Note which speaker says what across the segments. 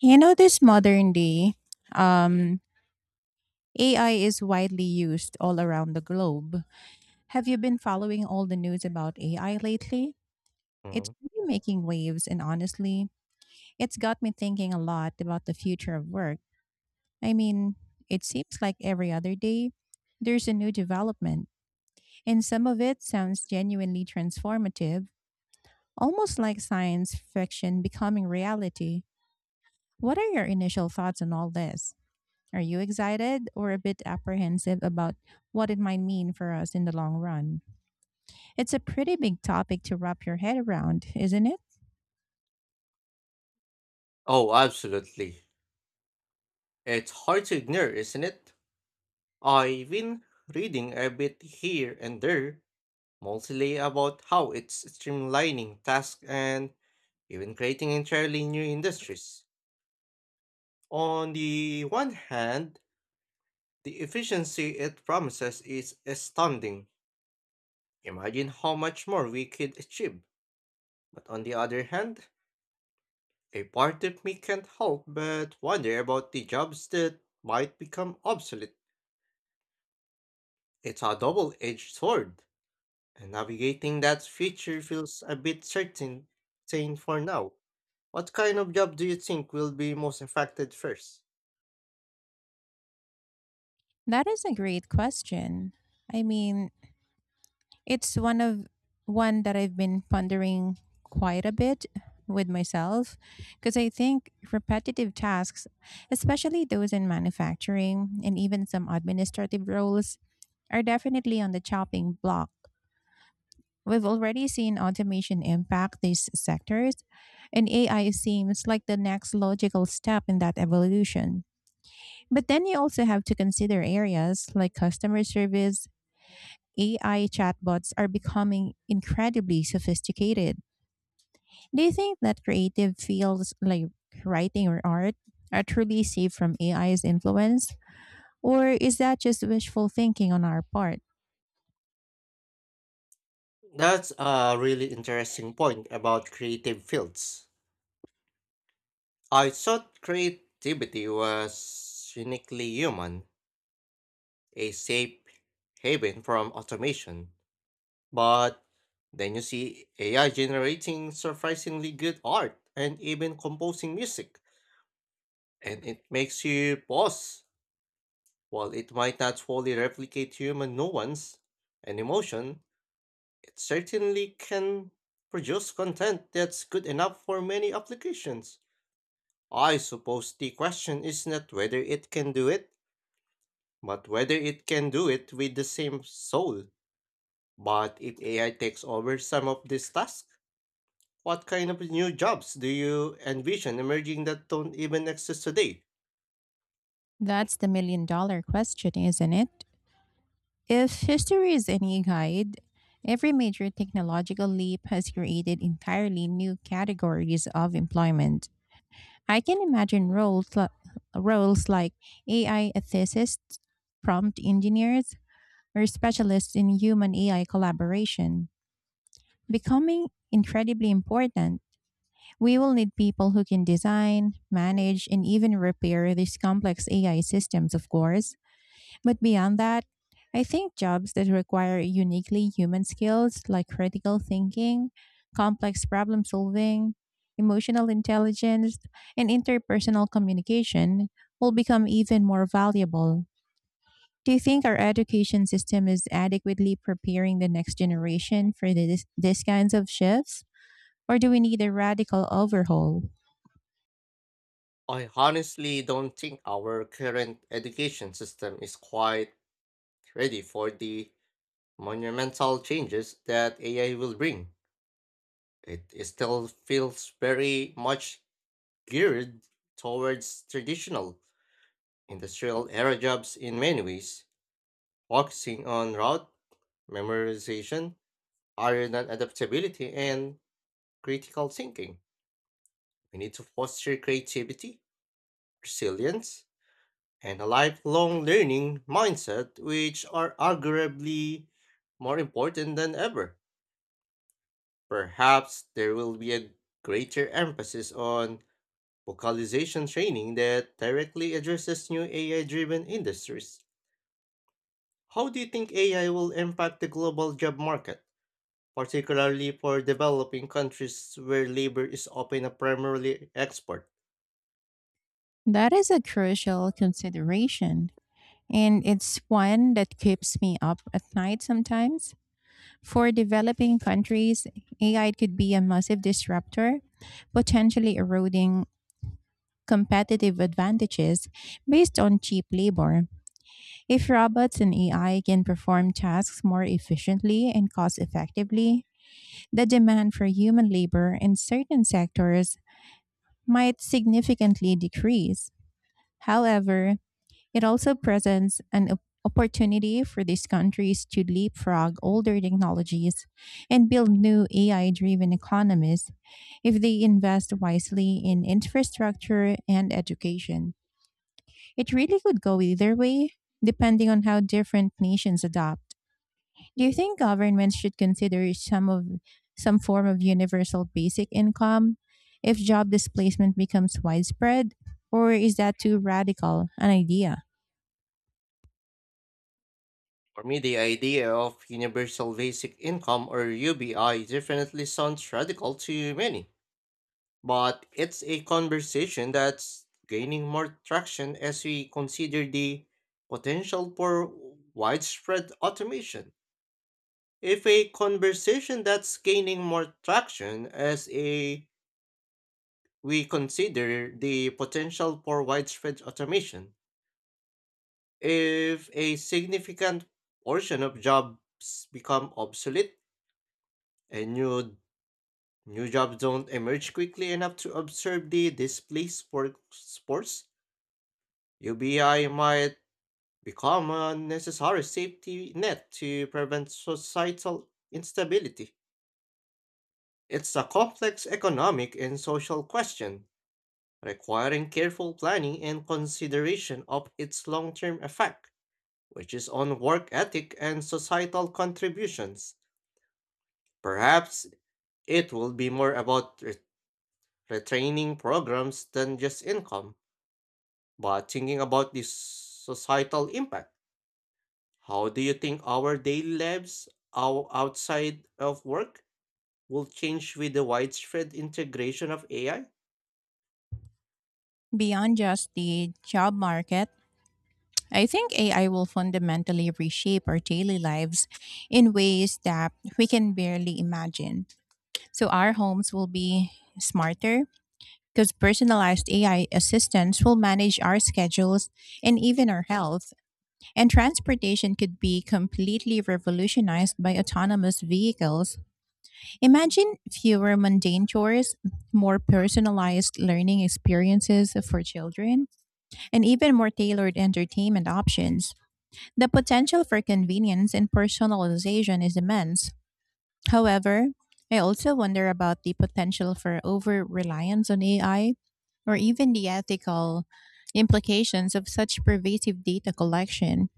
Speaker 1: You know, this modern day, um, AI is widely used all around the globe. Have you been following all the news about AI lately? It's
Speaker 2: Mm.
Speaker 1: really making waves, and honestly, it's got me thinking a lot about the future of work. I mean, it seems like every other day there's a new development, and some of it sounds genuinely transformative, almost like science fiction becoming reality. What are your initial thoughts on all this? Are you excited or a bit apprehensive about what it might mean for us in the long run? It's a pretty big topic to wrap your head around, isn't it?
Speaker 2: Oh, absolutely. It's hard to ignore, isn't it? I've been reading a bit here and there, mostly about how it's streamlining tasks and even creating entirely new industries. On the one hand, the efficiency it promises is astounding. Imagine how much more we could achieve. But on the other hand, a part of me can't help but wonder about the jobs that might become obsolete. It's a double-edged sword, and navigating that future feels a bit certain for now. What kind of job do you think will be most affected first?
Speaker 1: That is a great question. I mean, It's one of one that I've been pondering quite a bit with myself, because I think repetitive tasks, especially those in manufacturing and even some administrative roles, are definitely on the chopping block. We've already seen automation impact these sectors, and AI seems like the next logical step in that evolution. But then you also have to consider areas like customer service. AI chatbots are becoming incredibly sophisticated. Do you think that creative fields like writing or art are truly safe from AI's influence? Or is that just wishful thinking on our part?
Speaker 2: That's a really interesting point about creative fields. I thought creativity was uniquely human, a safe haven from automation. But then you see AI generating surprisingly good art and even composing music, and it makes you pause. While it might not fully replicate human nuance and emotion, it certainly can produce content that's good enough for many applications. I suppose the question is not whether it can do it, but whether it can do it with the same soul. But if AI takes over some of these tasks, what kind of new jobs do you envision emerging that don't even exist today?
Speaker 1: That's the $1 million question, isn't it? If history is any guide, every major technological leap has created entirely new categories of employment. I can imagine roles like AI ethicists, prompt engineers, or specialists in human AI collaboration, becoming incredibly important. We will need people who can design, manage, and even repair these complex AI systems, of course. But beyond that, I think jobs that require uniquely human skills like critical thinking, complex problem solving, emotional intelligence, and interpersonal communication will become even more valuable. Do you think our education system is adequately preparing the next generation for these kinds of shifts? Or do we need a radical overhaul?
Speaker 2: I honestly don't think our current education system is quite ready for the monumental changes that AI will bring. It still feels very much geared towards traditional industrial era jobs in many ways, focusing on route memorization, iron and adaptability, and critical thinking. We need to foster creativity, resilience, and a lifelong learning mindset, which are arguably more important than ever. Perhaps there will be a greater emphasis on vocalization training that directly addresses new AI driven industries. How do you think AI will impact the global job market, particularly for developing countries where labor is often a primarily export?
Speaker 1: That is a crucial consideration, and it's one that keeps me up at night sometimes. For developing countries, AI could be a massive disruptor, potentially eroding competitive advantages based on cheap labor. If robots and AI can perform tasks more efficiently and cost effectively, the demand for human labor in certain sectors might significantly decrease. However, it also presents an opportunity for these countries to leapfrog older technologies and build new AI driven economies if they invest wisely in infrastructure and education. It really could go either way, depending on how different nations adopt. Do you think governments should consider some form of universal basic income if job displacement becomes widespread? Or is that too radical an idea?
Speaker 2: For me, the idea of universal basic income or UBI definitely sounds radical to many, but it's a conversation that's gaining more traction as we consider the potential for widespread automation. If a conversation that's gaining more traction as a we consider the potential for widespread automation. If a significant portion of jobs become obsolete and new jobs don't emerge quickly enough to absorb the displaced workforce, UBI might become a necessary safety net to prevent societal instability. It's a complex economic and social question requiring careful planning and consideration of its long term effect, which is on work ethic and societal contributions. Perhaps it will be more about retraining programs than just income, but thinking about the societal impact. How do you think our daily lives outside of work will change with the widespread integration of AI?
Speaker 1: Beyond just the job market, I think AI will fundamentally reshape our daily lives in ways that we can barely imagine. So, our homes will be smarter, because personalized AI assistants will manage our schedules and even our health. And transportation could be completely revolutionized by autonomous vehicles. Imagine fewer mundane chores, more personalized learning experiences for children, and even more tailored entertainment options. The potential for convenience and personalization is immense. However, I also wonder about the potential for over reliance on AI, or even the ethical implications of such pervasive data collection.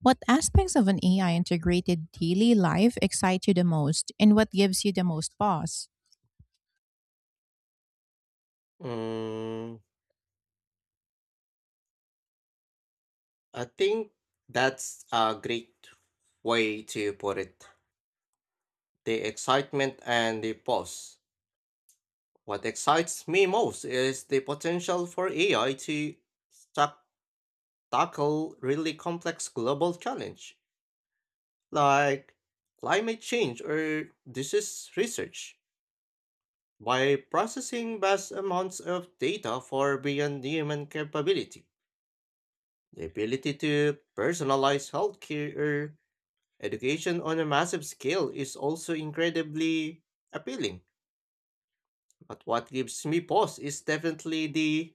Speaker 1: What aspects of an AI integrated daily life excite you the most, and what gives you the most pause?
Speaker 2: Mm, I think that's a great way to put it. The excitement and the pause. What excites me most is the potential for AI to tac- tackle really complex global challenge like climate change or disease research by processing vast amounts of data for beyond human capability. The ability to personalize healthcare or education on a massive scale is also incredibly appealing, but what gives me pause is definitely the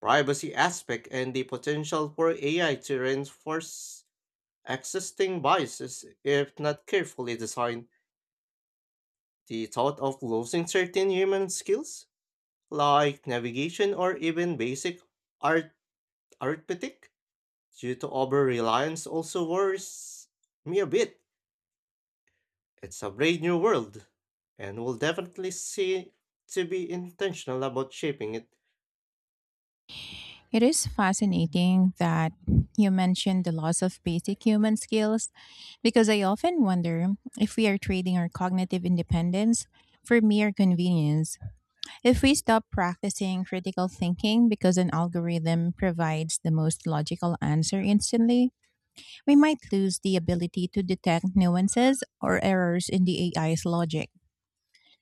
Speaker 2: privacy aspect and the potential for AI to reinforce existing biases if not carefully designed. The thought of losing certain human skills, like navigation or even basic art arithmetic, due to over reliance also worries me a bit. It's a brave new world, and we'll definitely see to be intentional about shaping it.
Speaker 1: It is fascinating that you mentioned the loss of basic human skills, because I often wonder if we are trading our cognitive independence for mere convenience. If we stop practicing critical thinking because an algorithm provides the most logical answer instantly, we might lose the ability to detect nuances or errors in the AI's logic.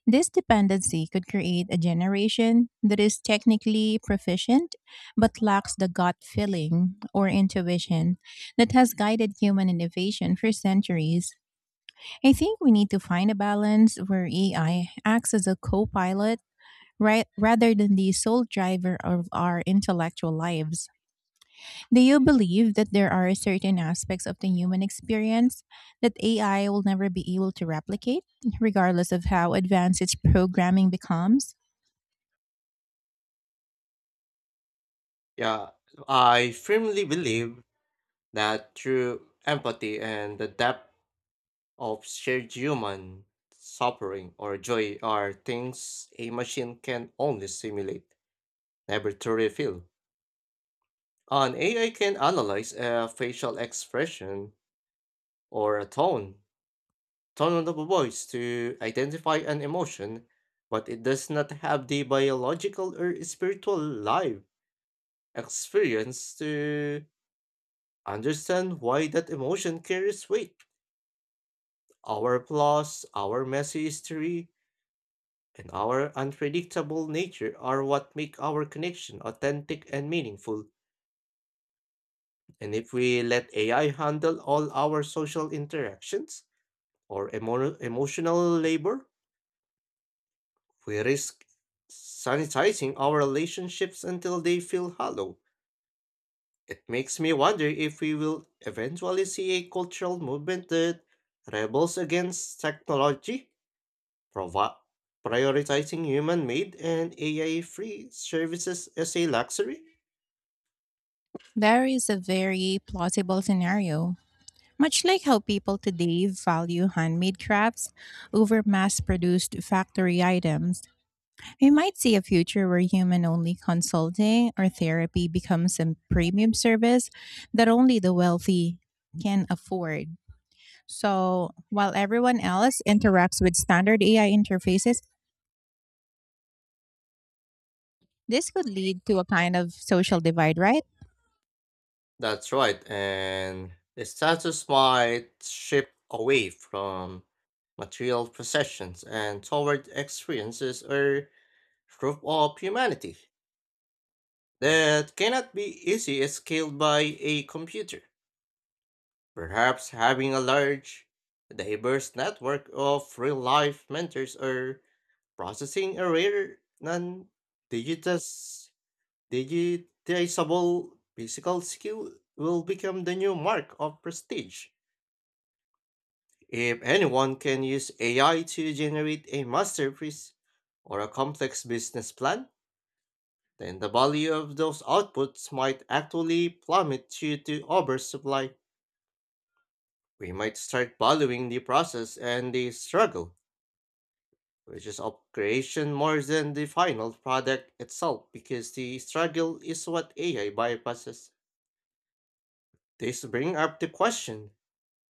Speaker 1: This dependency could create a generation that is technically proficient but lacks the gut feeling or intuition that has guided human innovation for centuries. I think we need to find a balance where AI acts as a co pilot, right, rather than the sole driver of our intellectual lives. Do you believe that there are certain aspects of the human experience that AI will never be able to replicate, regardless of how advanced its programming becomes?
Speaker 2: Yeah, I firmly believe that through empathy and the depth of shared human suffering or joy are things a machine can only simulate, never truly feel. An AI can analyze a facial expression or a tone of the voice to identify an emotion, but it does not have the biological or spiritual life experience to understand why that emotion carries weight. Our flaws, our messy history, and our unpredictable nature are what make our connection authentic and meaningful. And if we let AI handle all our social interactions or emotional labor, we risk sanitizing our relationships until they feel hollow. It makes me wonder if we will eventually see a cultural movement that rebels against technology, provi- prioritizing human made and AI free services as a luxury.
Speaker 1: There is a very plausible scenario. Much like how people today value handmade crafts over mass produced factory items, we might see a future where human only consulting or therapy becomes a premium service that only the wealthy can afford. So, while everyone else interacts with standard AI interfaces, this could lead to a kind of social divide, right?
Speaker 2: That's right, and the status might shift away from material possessions and toward experiences or proof of humanity that cannot be easily scaled by a computer. Perhaps having a large, diverse network of real life mentors or processing a rare non digitizable physical skill will become the new mark of prestige. If anyone can use AI to generate a masterpiece or a complex business plan, then the value of those outputs might actually plummet due to oversupply. We might start valuing the process and the struggle, which is of creation more than the final product itself, because the struggle is what AI bypasses. This brings up the question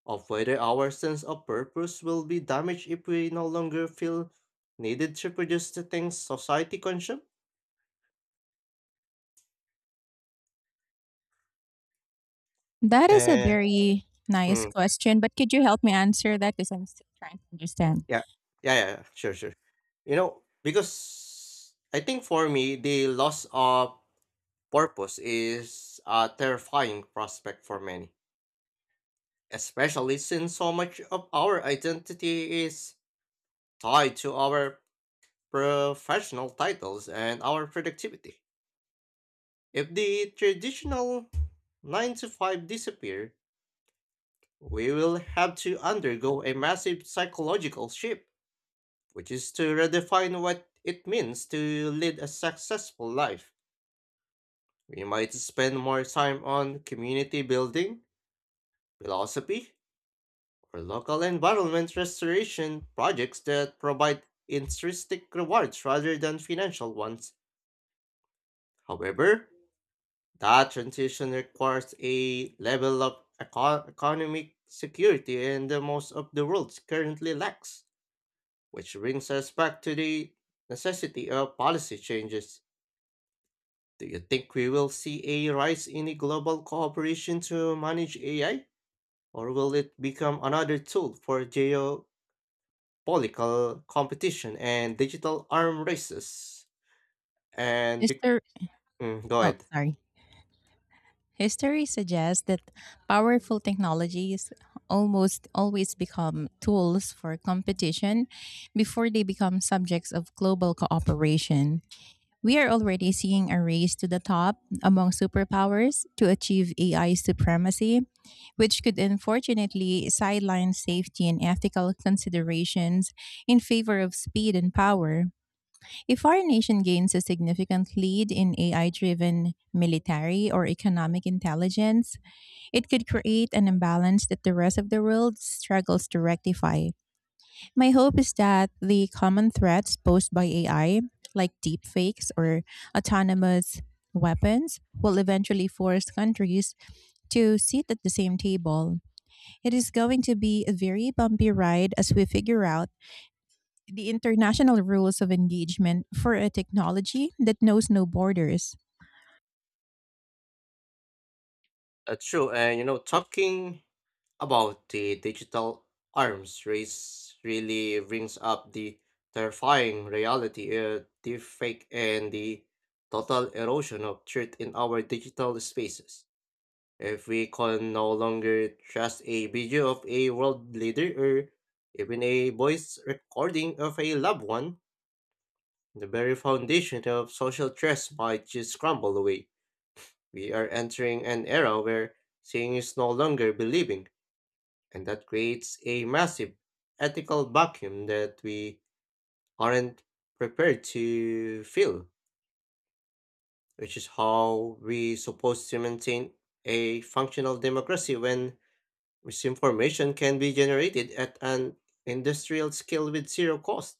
Speaker 2: of whether our sense of purpose will be damaged if we no longer feel needed to produce the things society consumes.
Speaker 1: That is a
Speaker 2: Eh,
Speaker 1: very nice
Speaker 2: hmm,
Speaker 1: question, but could you help me answer that? Because I'm still trying to understand.
Speaker 2: yeah. Yeah, yeah, yeah. Sure, sure. You know, because I think for me, the loss of purpose is a terrifying prospect for many, especially since so much of our identity is tied to our professional titles and our productivity. If the traditional 9 to 5 disappear, we will have to undergo a massive psychological shift which is to redefine what it means to lead a successful life. We might spend more time on community building, philosophy, or local environment restoration projects that provide intrinsic rewards rather than financial ones. However, that transition requires a level of economic security and the most of the world currently lacks, which brings us back to the necessity of policy changes. Do you think we will see a rise in the global cooperation to manage AI, or will it become another tool for geopolitical competition and digital arm races? And be-
Speaker 1: History,
Speaker 2: mm, go
Speaker 1: oh,
Speaker 2: ahead.
Speaker 1: sorry. History suggests that powerful technologies almost always become tools for competition before they become subjects of global cooperation. We are already seeing a race to the top among superpowers to achieve AI supremacy, which could unfortunately sideline safety and ethical considerations in favor of speed and power. If our nation gains a significant lead in AI driven military or economic intelligence, it could create an imbalance that the rest of the world struggles to rectify. My hope is that the common threats posed by AI, like deepfakes or autonomous weapons, will eventually force countries to sit at the same table. It is going to be a very bumpy ride as we figure out the international rules of engagement for a technology that knows no borders.
Speaker 2: That's true. And you know, talking about the digital arms race really brings up the terrifying reality of the fake and the total erosion of truth in our digital spaces. If we can no longer trust a video of a world leader or even a voice recording of a loved one, the very foundation of social trust might just crumble away. We are entering an era where seeing is no longer believing, and that creates a massive ethical vacuum that we aren't prepared to fill, which is how we supposed to maintain a functional democracy when misinformation can be generated at an industrial scale with zero cost.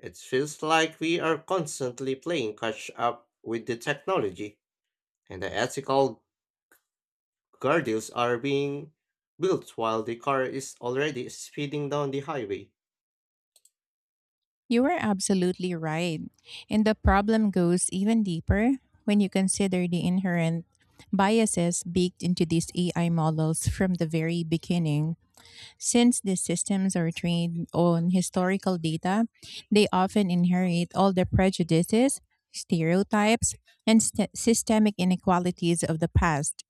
Speaker 2: It feels like we are constantly playing catch up with the technology, and the ethical guardrails are being built while the car is already speeding down the highway.
Speaker 1: You are absolutely right. And the problem goes even deeper when you consider the inherent biases baked into these AI models from the very beginning. Since the systems are trained on historical data, they often inherit all the prejudices, stereotypes, and systemic inequalities of the past.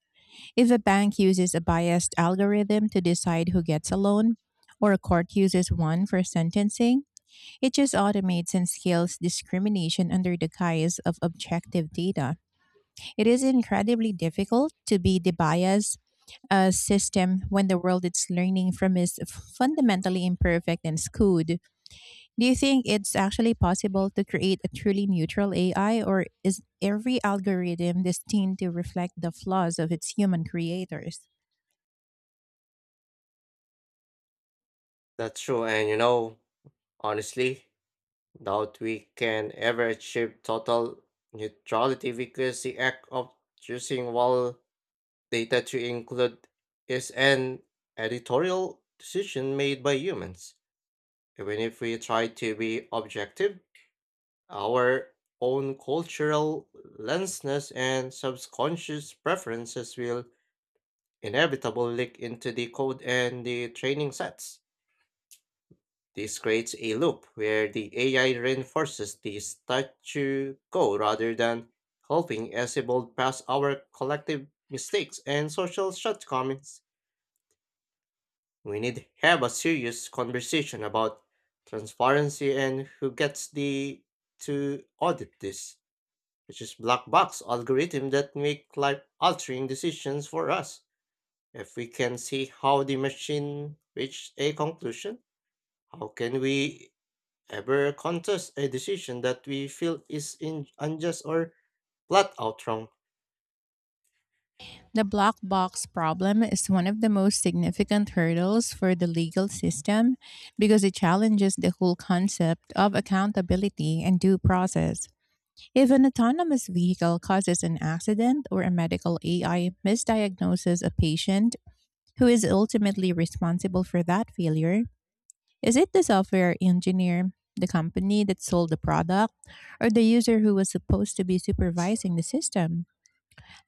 Speaker 1: If a bank uses a biased algorithm to decide who gets a loan, or a court uses one for sentencing, it just automates and scales discrimination under the guise of objective data. It is incredibly difficult to be debiased a system when the world it's learning from is fundamentally imperfect and skewed. Do you think it's actually possible to create a truly neutral AI, or is every algorithm destined to reflect the flaws of its human creators?
Speaker 2: That's true, and honestly, doubt we can ever achieve total neutrality because the act of choosing while data to include is an editorial decision made by humans. Even if we try to be objective, our own cultural lenses and subconscious preferences will inevitably leak into the code and the training sets. This creates a loop where the AI reinforces the status quo rather than helping us evolve past our collective mistakes and social shortcomings. We need to have a serious conversation about transparency and who gets the to audit this, which is black box algorithm that make life altering decisions for us. If we can see how the machine reached a conclusion, how can we ever contest a decision that we feel is in unjust or flat out wrong?
Speaker 1: The black box problem is one of the most significant hurdles for the legal system, because it challenges the whole concept of accountability and due process. If an autonomous vehicle causes an accident or a medical AI misdiagnoses a patient, who is ultimately responsible for that failure? Is it the software engineer, the company that sold the product, or the user who was supposed to be supervising the system?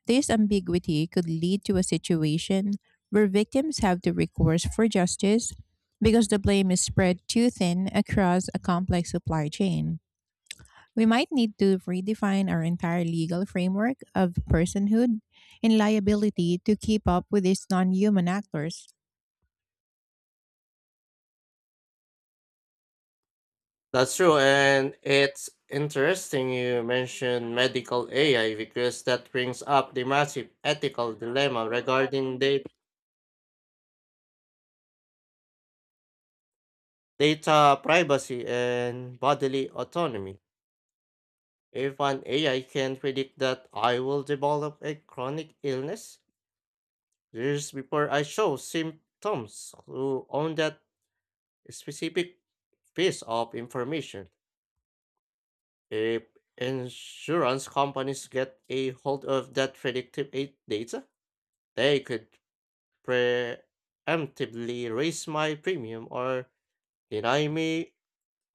Speaker 1: This ambiguity could lead to a situation where victims have to recourse for justice because the blame is spread too thin across a complex supply chain. We might need to redefine our entire legal framework of personhood and liability to keep up with these non human actors.
Speaker 2: That's true, and it's interesting you mentioned medical AI because that brings up the massive ethical dilemma regarding data privacy and bodily autonomy. If an AI can predict that I will develop a chronic illness years before I show symptoms, who own that specific piece of information? If insurance companies get a hold of that predictive data, they could preemptively raise my premium or deny me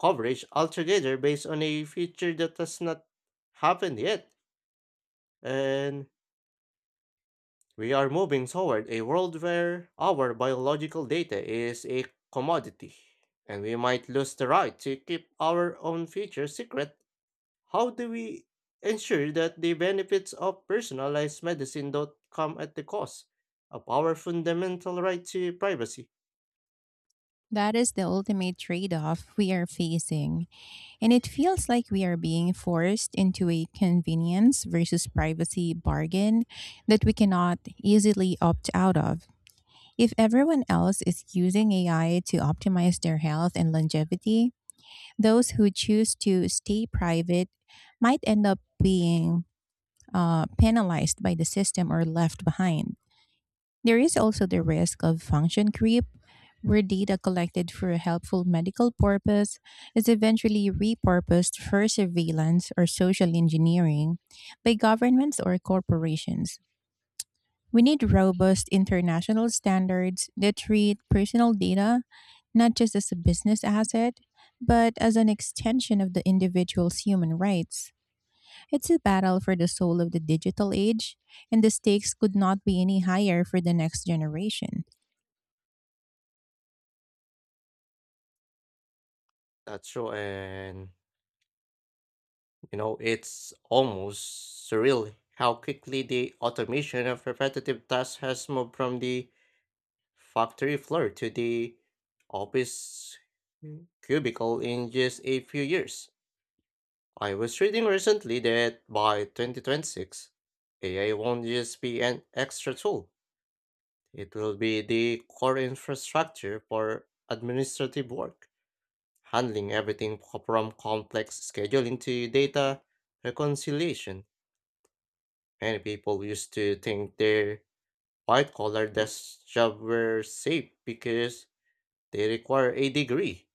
Speaker 2: coverage altogether based on a feature that has not happened yet. And we are moving toward a world where our biological data is a commodity, and we might lose the right to keep our own features secret. How do we ensure that the benefits of personalized medicine don't come at the cost of our fundamental right to privacy?
Speaker 1: That is the ultimate trade off we are facing. And it feels like we are being forced into a convenience versus privacy bargain that we cannot easily opt out of. If everyone else is using AI to optimize their health and longevity, those who choose to stay private might end up being penalized by the system or left behind. There is also the risk of function creep, where data collected for a helpful medical purpose is eventually repurposed for surveillance or social engineering by governments or corporations. We need robust international standards that treat personal data not just as a business asset, but as an extension of the individual's human rights. It's a battle for the soul of the digital age, and the stakes could not be any higher for the next generation.
Speaker 2: That's true, and it's almost surreal how quickly the automation of repetitive tasks has moved from the factory floor to the office cubicle in just a few years. I was reading recently that by 2026, AI won't just be an extra tool, it will be the core infrastructure for administrative work, handling everything from complex scheduling to data reconciliation. Many people used to think their white collar desk job were safe because they require a degree.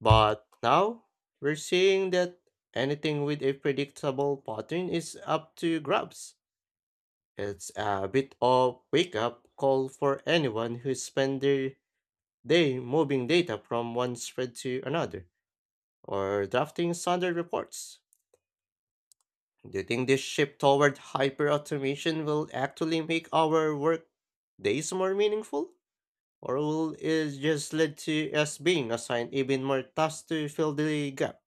Speaker 2: But now we're seeing that anything with a predictable pattern is up to grabs. It's a bit of wake up call for anyone who spends their day moving data from one spread to another or drafting standard reports. Do you think this shift toward hyperautomation will actually make our work days more meaningful? Or will it just lead to us being assigned even more tasks to fill the gap?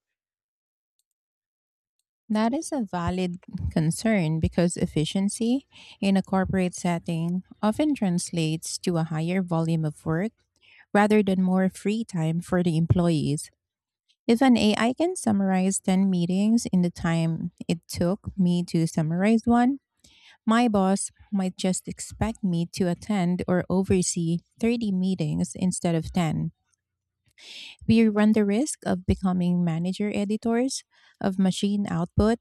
Speaker 1: That is a valid concern, because efficiency in a corporate setting often translates to a higher volume of work rather than more free time for the employees. If an AI can summarize 10 meetings in the time it took me to summarize one, my boss might just expect me to attend or oversee 30 meetings instead of 10. We run the risk of becoming manager editors of machine output,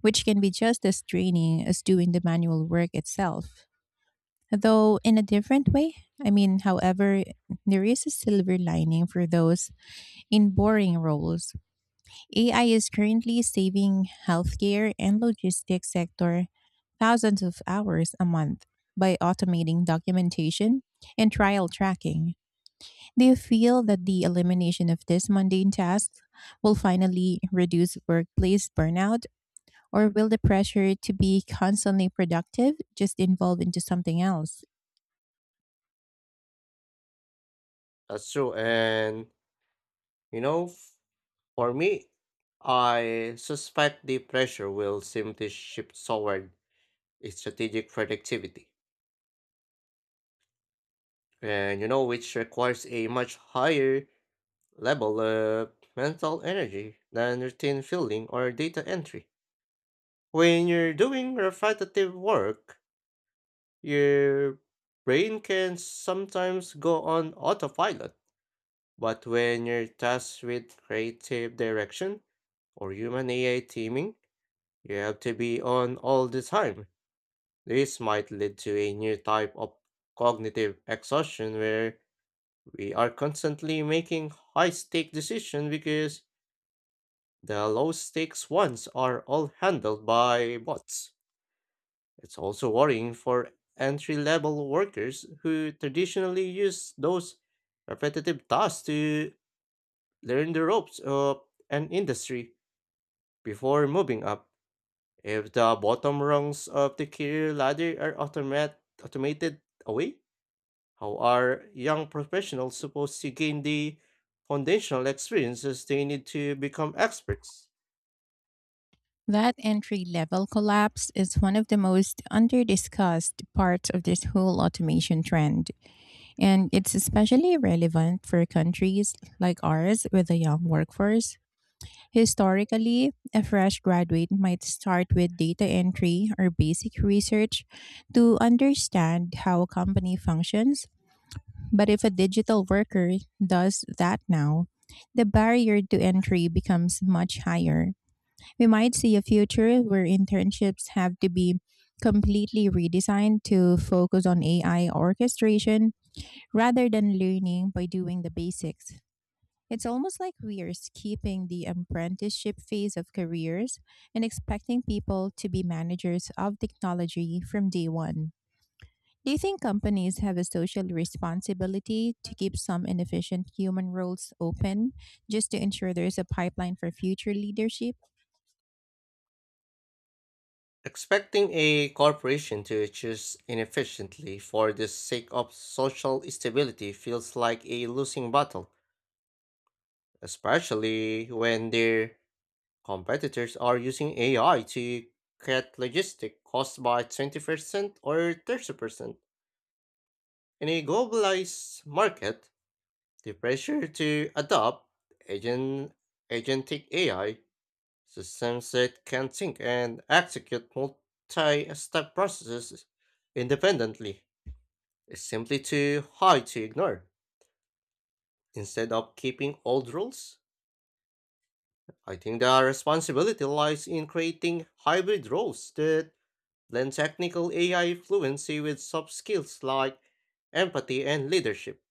Speaker 1: which can be just as draining as doing the manual work itself, though in a different way. I mean, however, there is a silver lining for those in boring roles. AI is currently saving healthcare and logistics sector thousands of hours a month by automating documentation and trial tracking. Do you feel that the elimination of this mundane task will finally reduce workplace burnout, or will the pressure to be constantly productive just evolve into something else?
Speaker 2: That's true. And, you know, f- for me, I suspect the pressure will simply shift toward strategic productivity. And, which requires a much higher level of mental energy than routine filling or data entry. When you're doing repetitive work, your brain can sometimes go on autopilot. But when you're tasked with creative direction or human AI teaming, you have to be on all the time. This might lead to a new type of cognitive exhaustion where we are constantly making high stake decisions because the low stakes ones are all handled by bots. It's also worrying for entry level workers who traditionally use those repetitive tasks to learn the ropes of an industry before moving up. If the bottom rungs of the career ladder are automated away, how are young professionals supposed to gain the foundational experiences they need to become experts?
Speaker 1: That entry level collapse is one of the most underdiscussed parts of this whole automation trend, and it's especially relevant for countries like ours with a young workforce. Historically, a fresh graduate might start with data entry or basic research to understand how a company functions. But if a digital worker does that now, the barrier to entry becomes much higher. We might see a future where internships have to be completely redesigned to focus on AI orchestration rather than learning by doing the basics. It's almost like we are skipping the apprenticeship phase of careers and expecting people to be managers of technology from day one. Do you think companies have a social responsibility to keep some inefficient human roles open just to ensure there's a pipeline for future leadership?
Speaker 2: Expecting a corporation to choose inefficiently for the sake of social stability feels like a losing battle, especially when their competitors are using AI to cut logistic costs by 20% or 30%. In a globalized market, the pressure to adopt agent, agentic AI systems that can think and execute multi-step processes independently is simply too high to ignore. Instead of keeping old rules, I think the responsibility lies in creating hybrid roles that blend technical AI fluency with soft skills like empathy and leadership.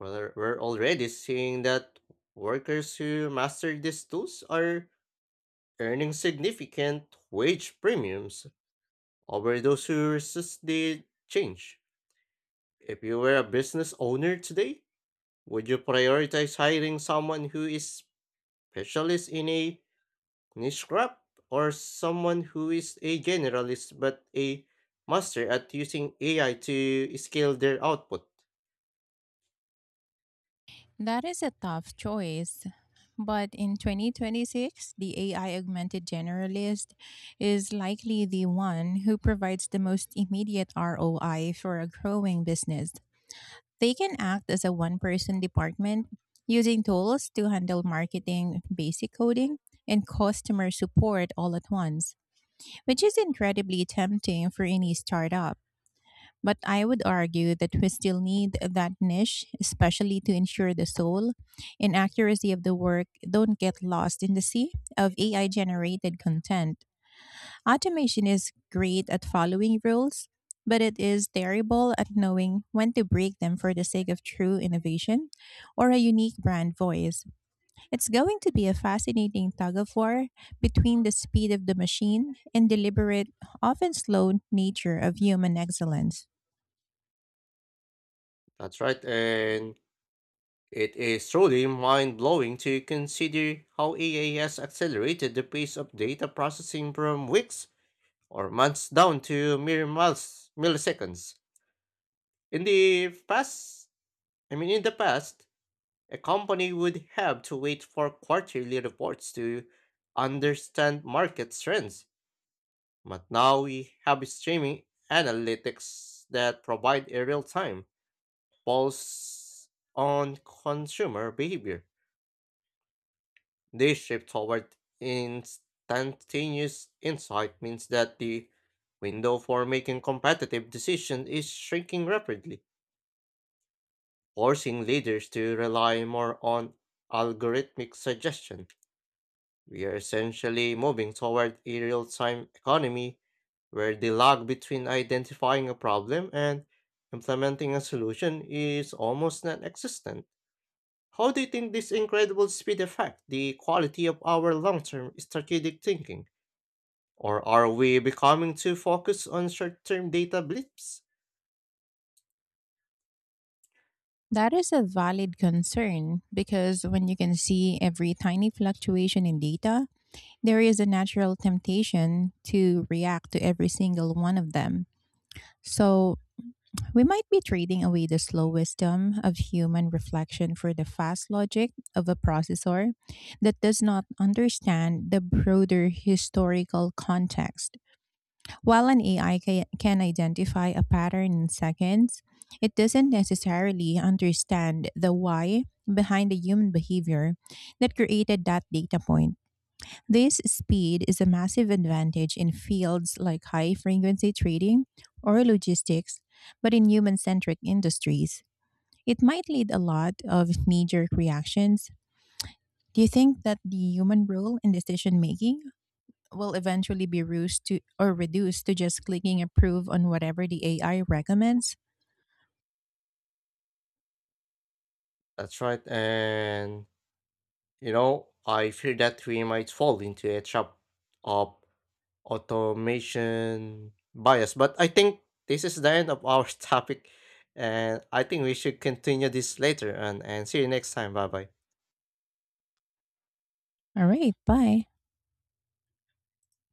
Speaker 2: We're already seeing that workers who master these tools are earning significant wage premiums over those who resist the change. If you were a business owner today, would you prioritize hiring someone who is specialist in a niche craft or someone who is a generalist but a master at using AI to scale their output?
Speaker 1: That is a tough choice. But in 2026, the AI augmented generalist is likely the one who provides the most immediate ROI for a growing business. They can act as a one person department, using tools to handle marketing, basic coding, and customer support all at once, which is incredibly tempting for any startup. But I would argue that we still need that niche, especially to ensure the soul and accuracy of the work don't get lost in the sea of AI generated content. Automation is great at following rules, but it is terrible at knowing when to break them for the sake of true innovation or a unique brand voice. It's going to be a fascinating tug of war between the speed of the machine and deliberate, often slow nature of human excellence.
Speaker 2: That's right, and it is truly mind blowing to consider how AI has accelerated the pace of data processing from weeks or months down to mere milliseconds. In the past, I mean, in the past, a company would have to wait for quarterly reports to understand market trends, but now we have streaming analytics that provide a real time pulse on consumer behavior. This shift toward instantaneous insight means that the window for making competitive decisions is shrinking rapidly, forcing leaders to rely more on algorithmic suggestion. We are essentially moving toward a real time economy where the lag between identifying a problem and implementing a solution is almost non existent. How do you think this incredible speed affects the quality of our long term strategic thinking? Or are we becoming too focused on short term data blips?
Speaker 1: That is a valid concern, because when you can see every tiny fluctuation in data, there is a natural temptation to react to every single one of them. So, we might be trading away the slow wisdom of human reflection for the fast logic of a processor that does not understand the broader historical context. While an AI can identify a pattern in seconds, it doesn't necessarily understand the why behind the human behavior that created that data point. This speed is a massive advantage in fields like high frequency trading or logistics, but in human centric industries, it might lead a lot of knee jerk reactions. Do you think that the human role in decision making will eventually be reduced to just clicking approve on whatever the AI recommends?
Speaker 2: That's right, and I fear that we might fall into a trap of automation bias. But I think this is the end of our topic, and I think we should continue this later. And see you next time. Bye bye.
Speaker 1: All right, bye.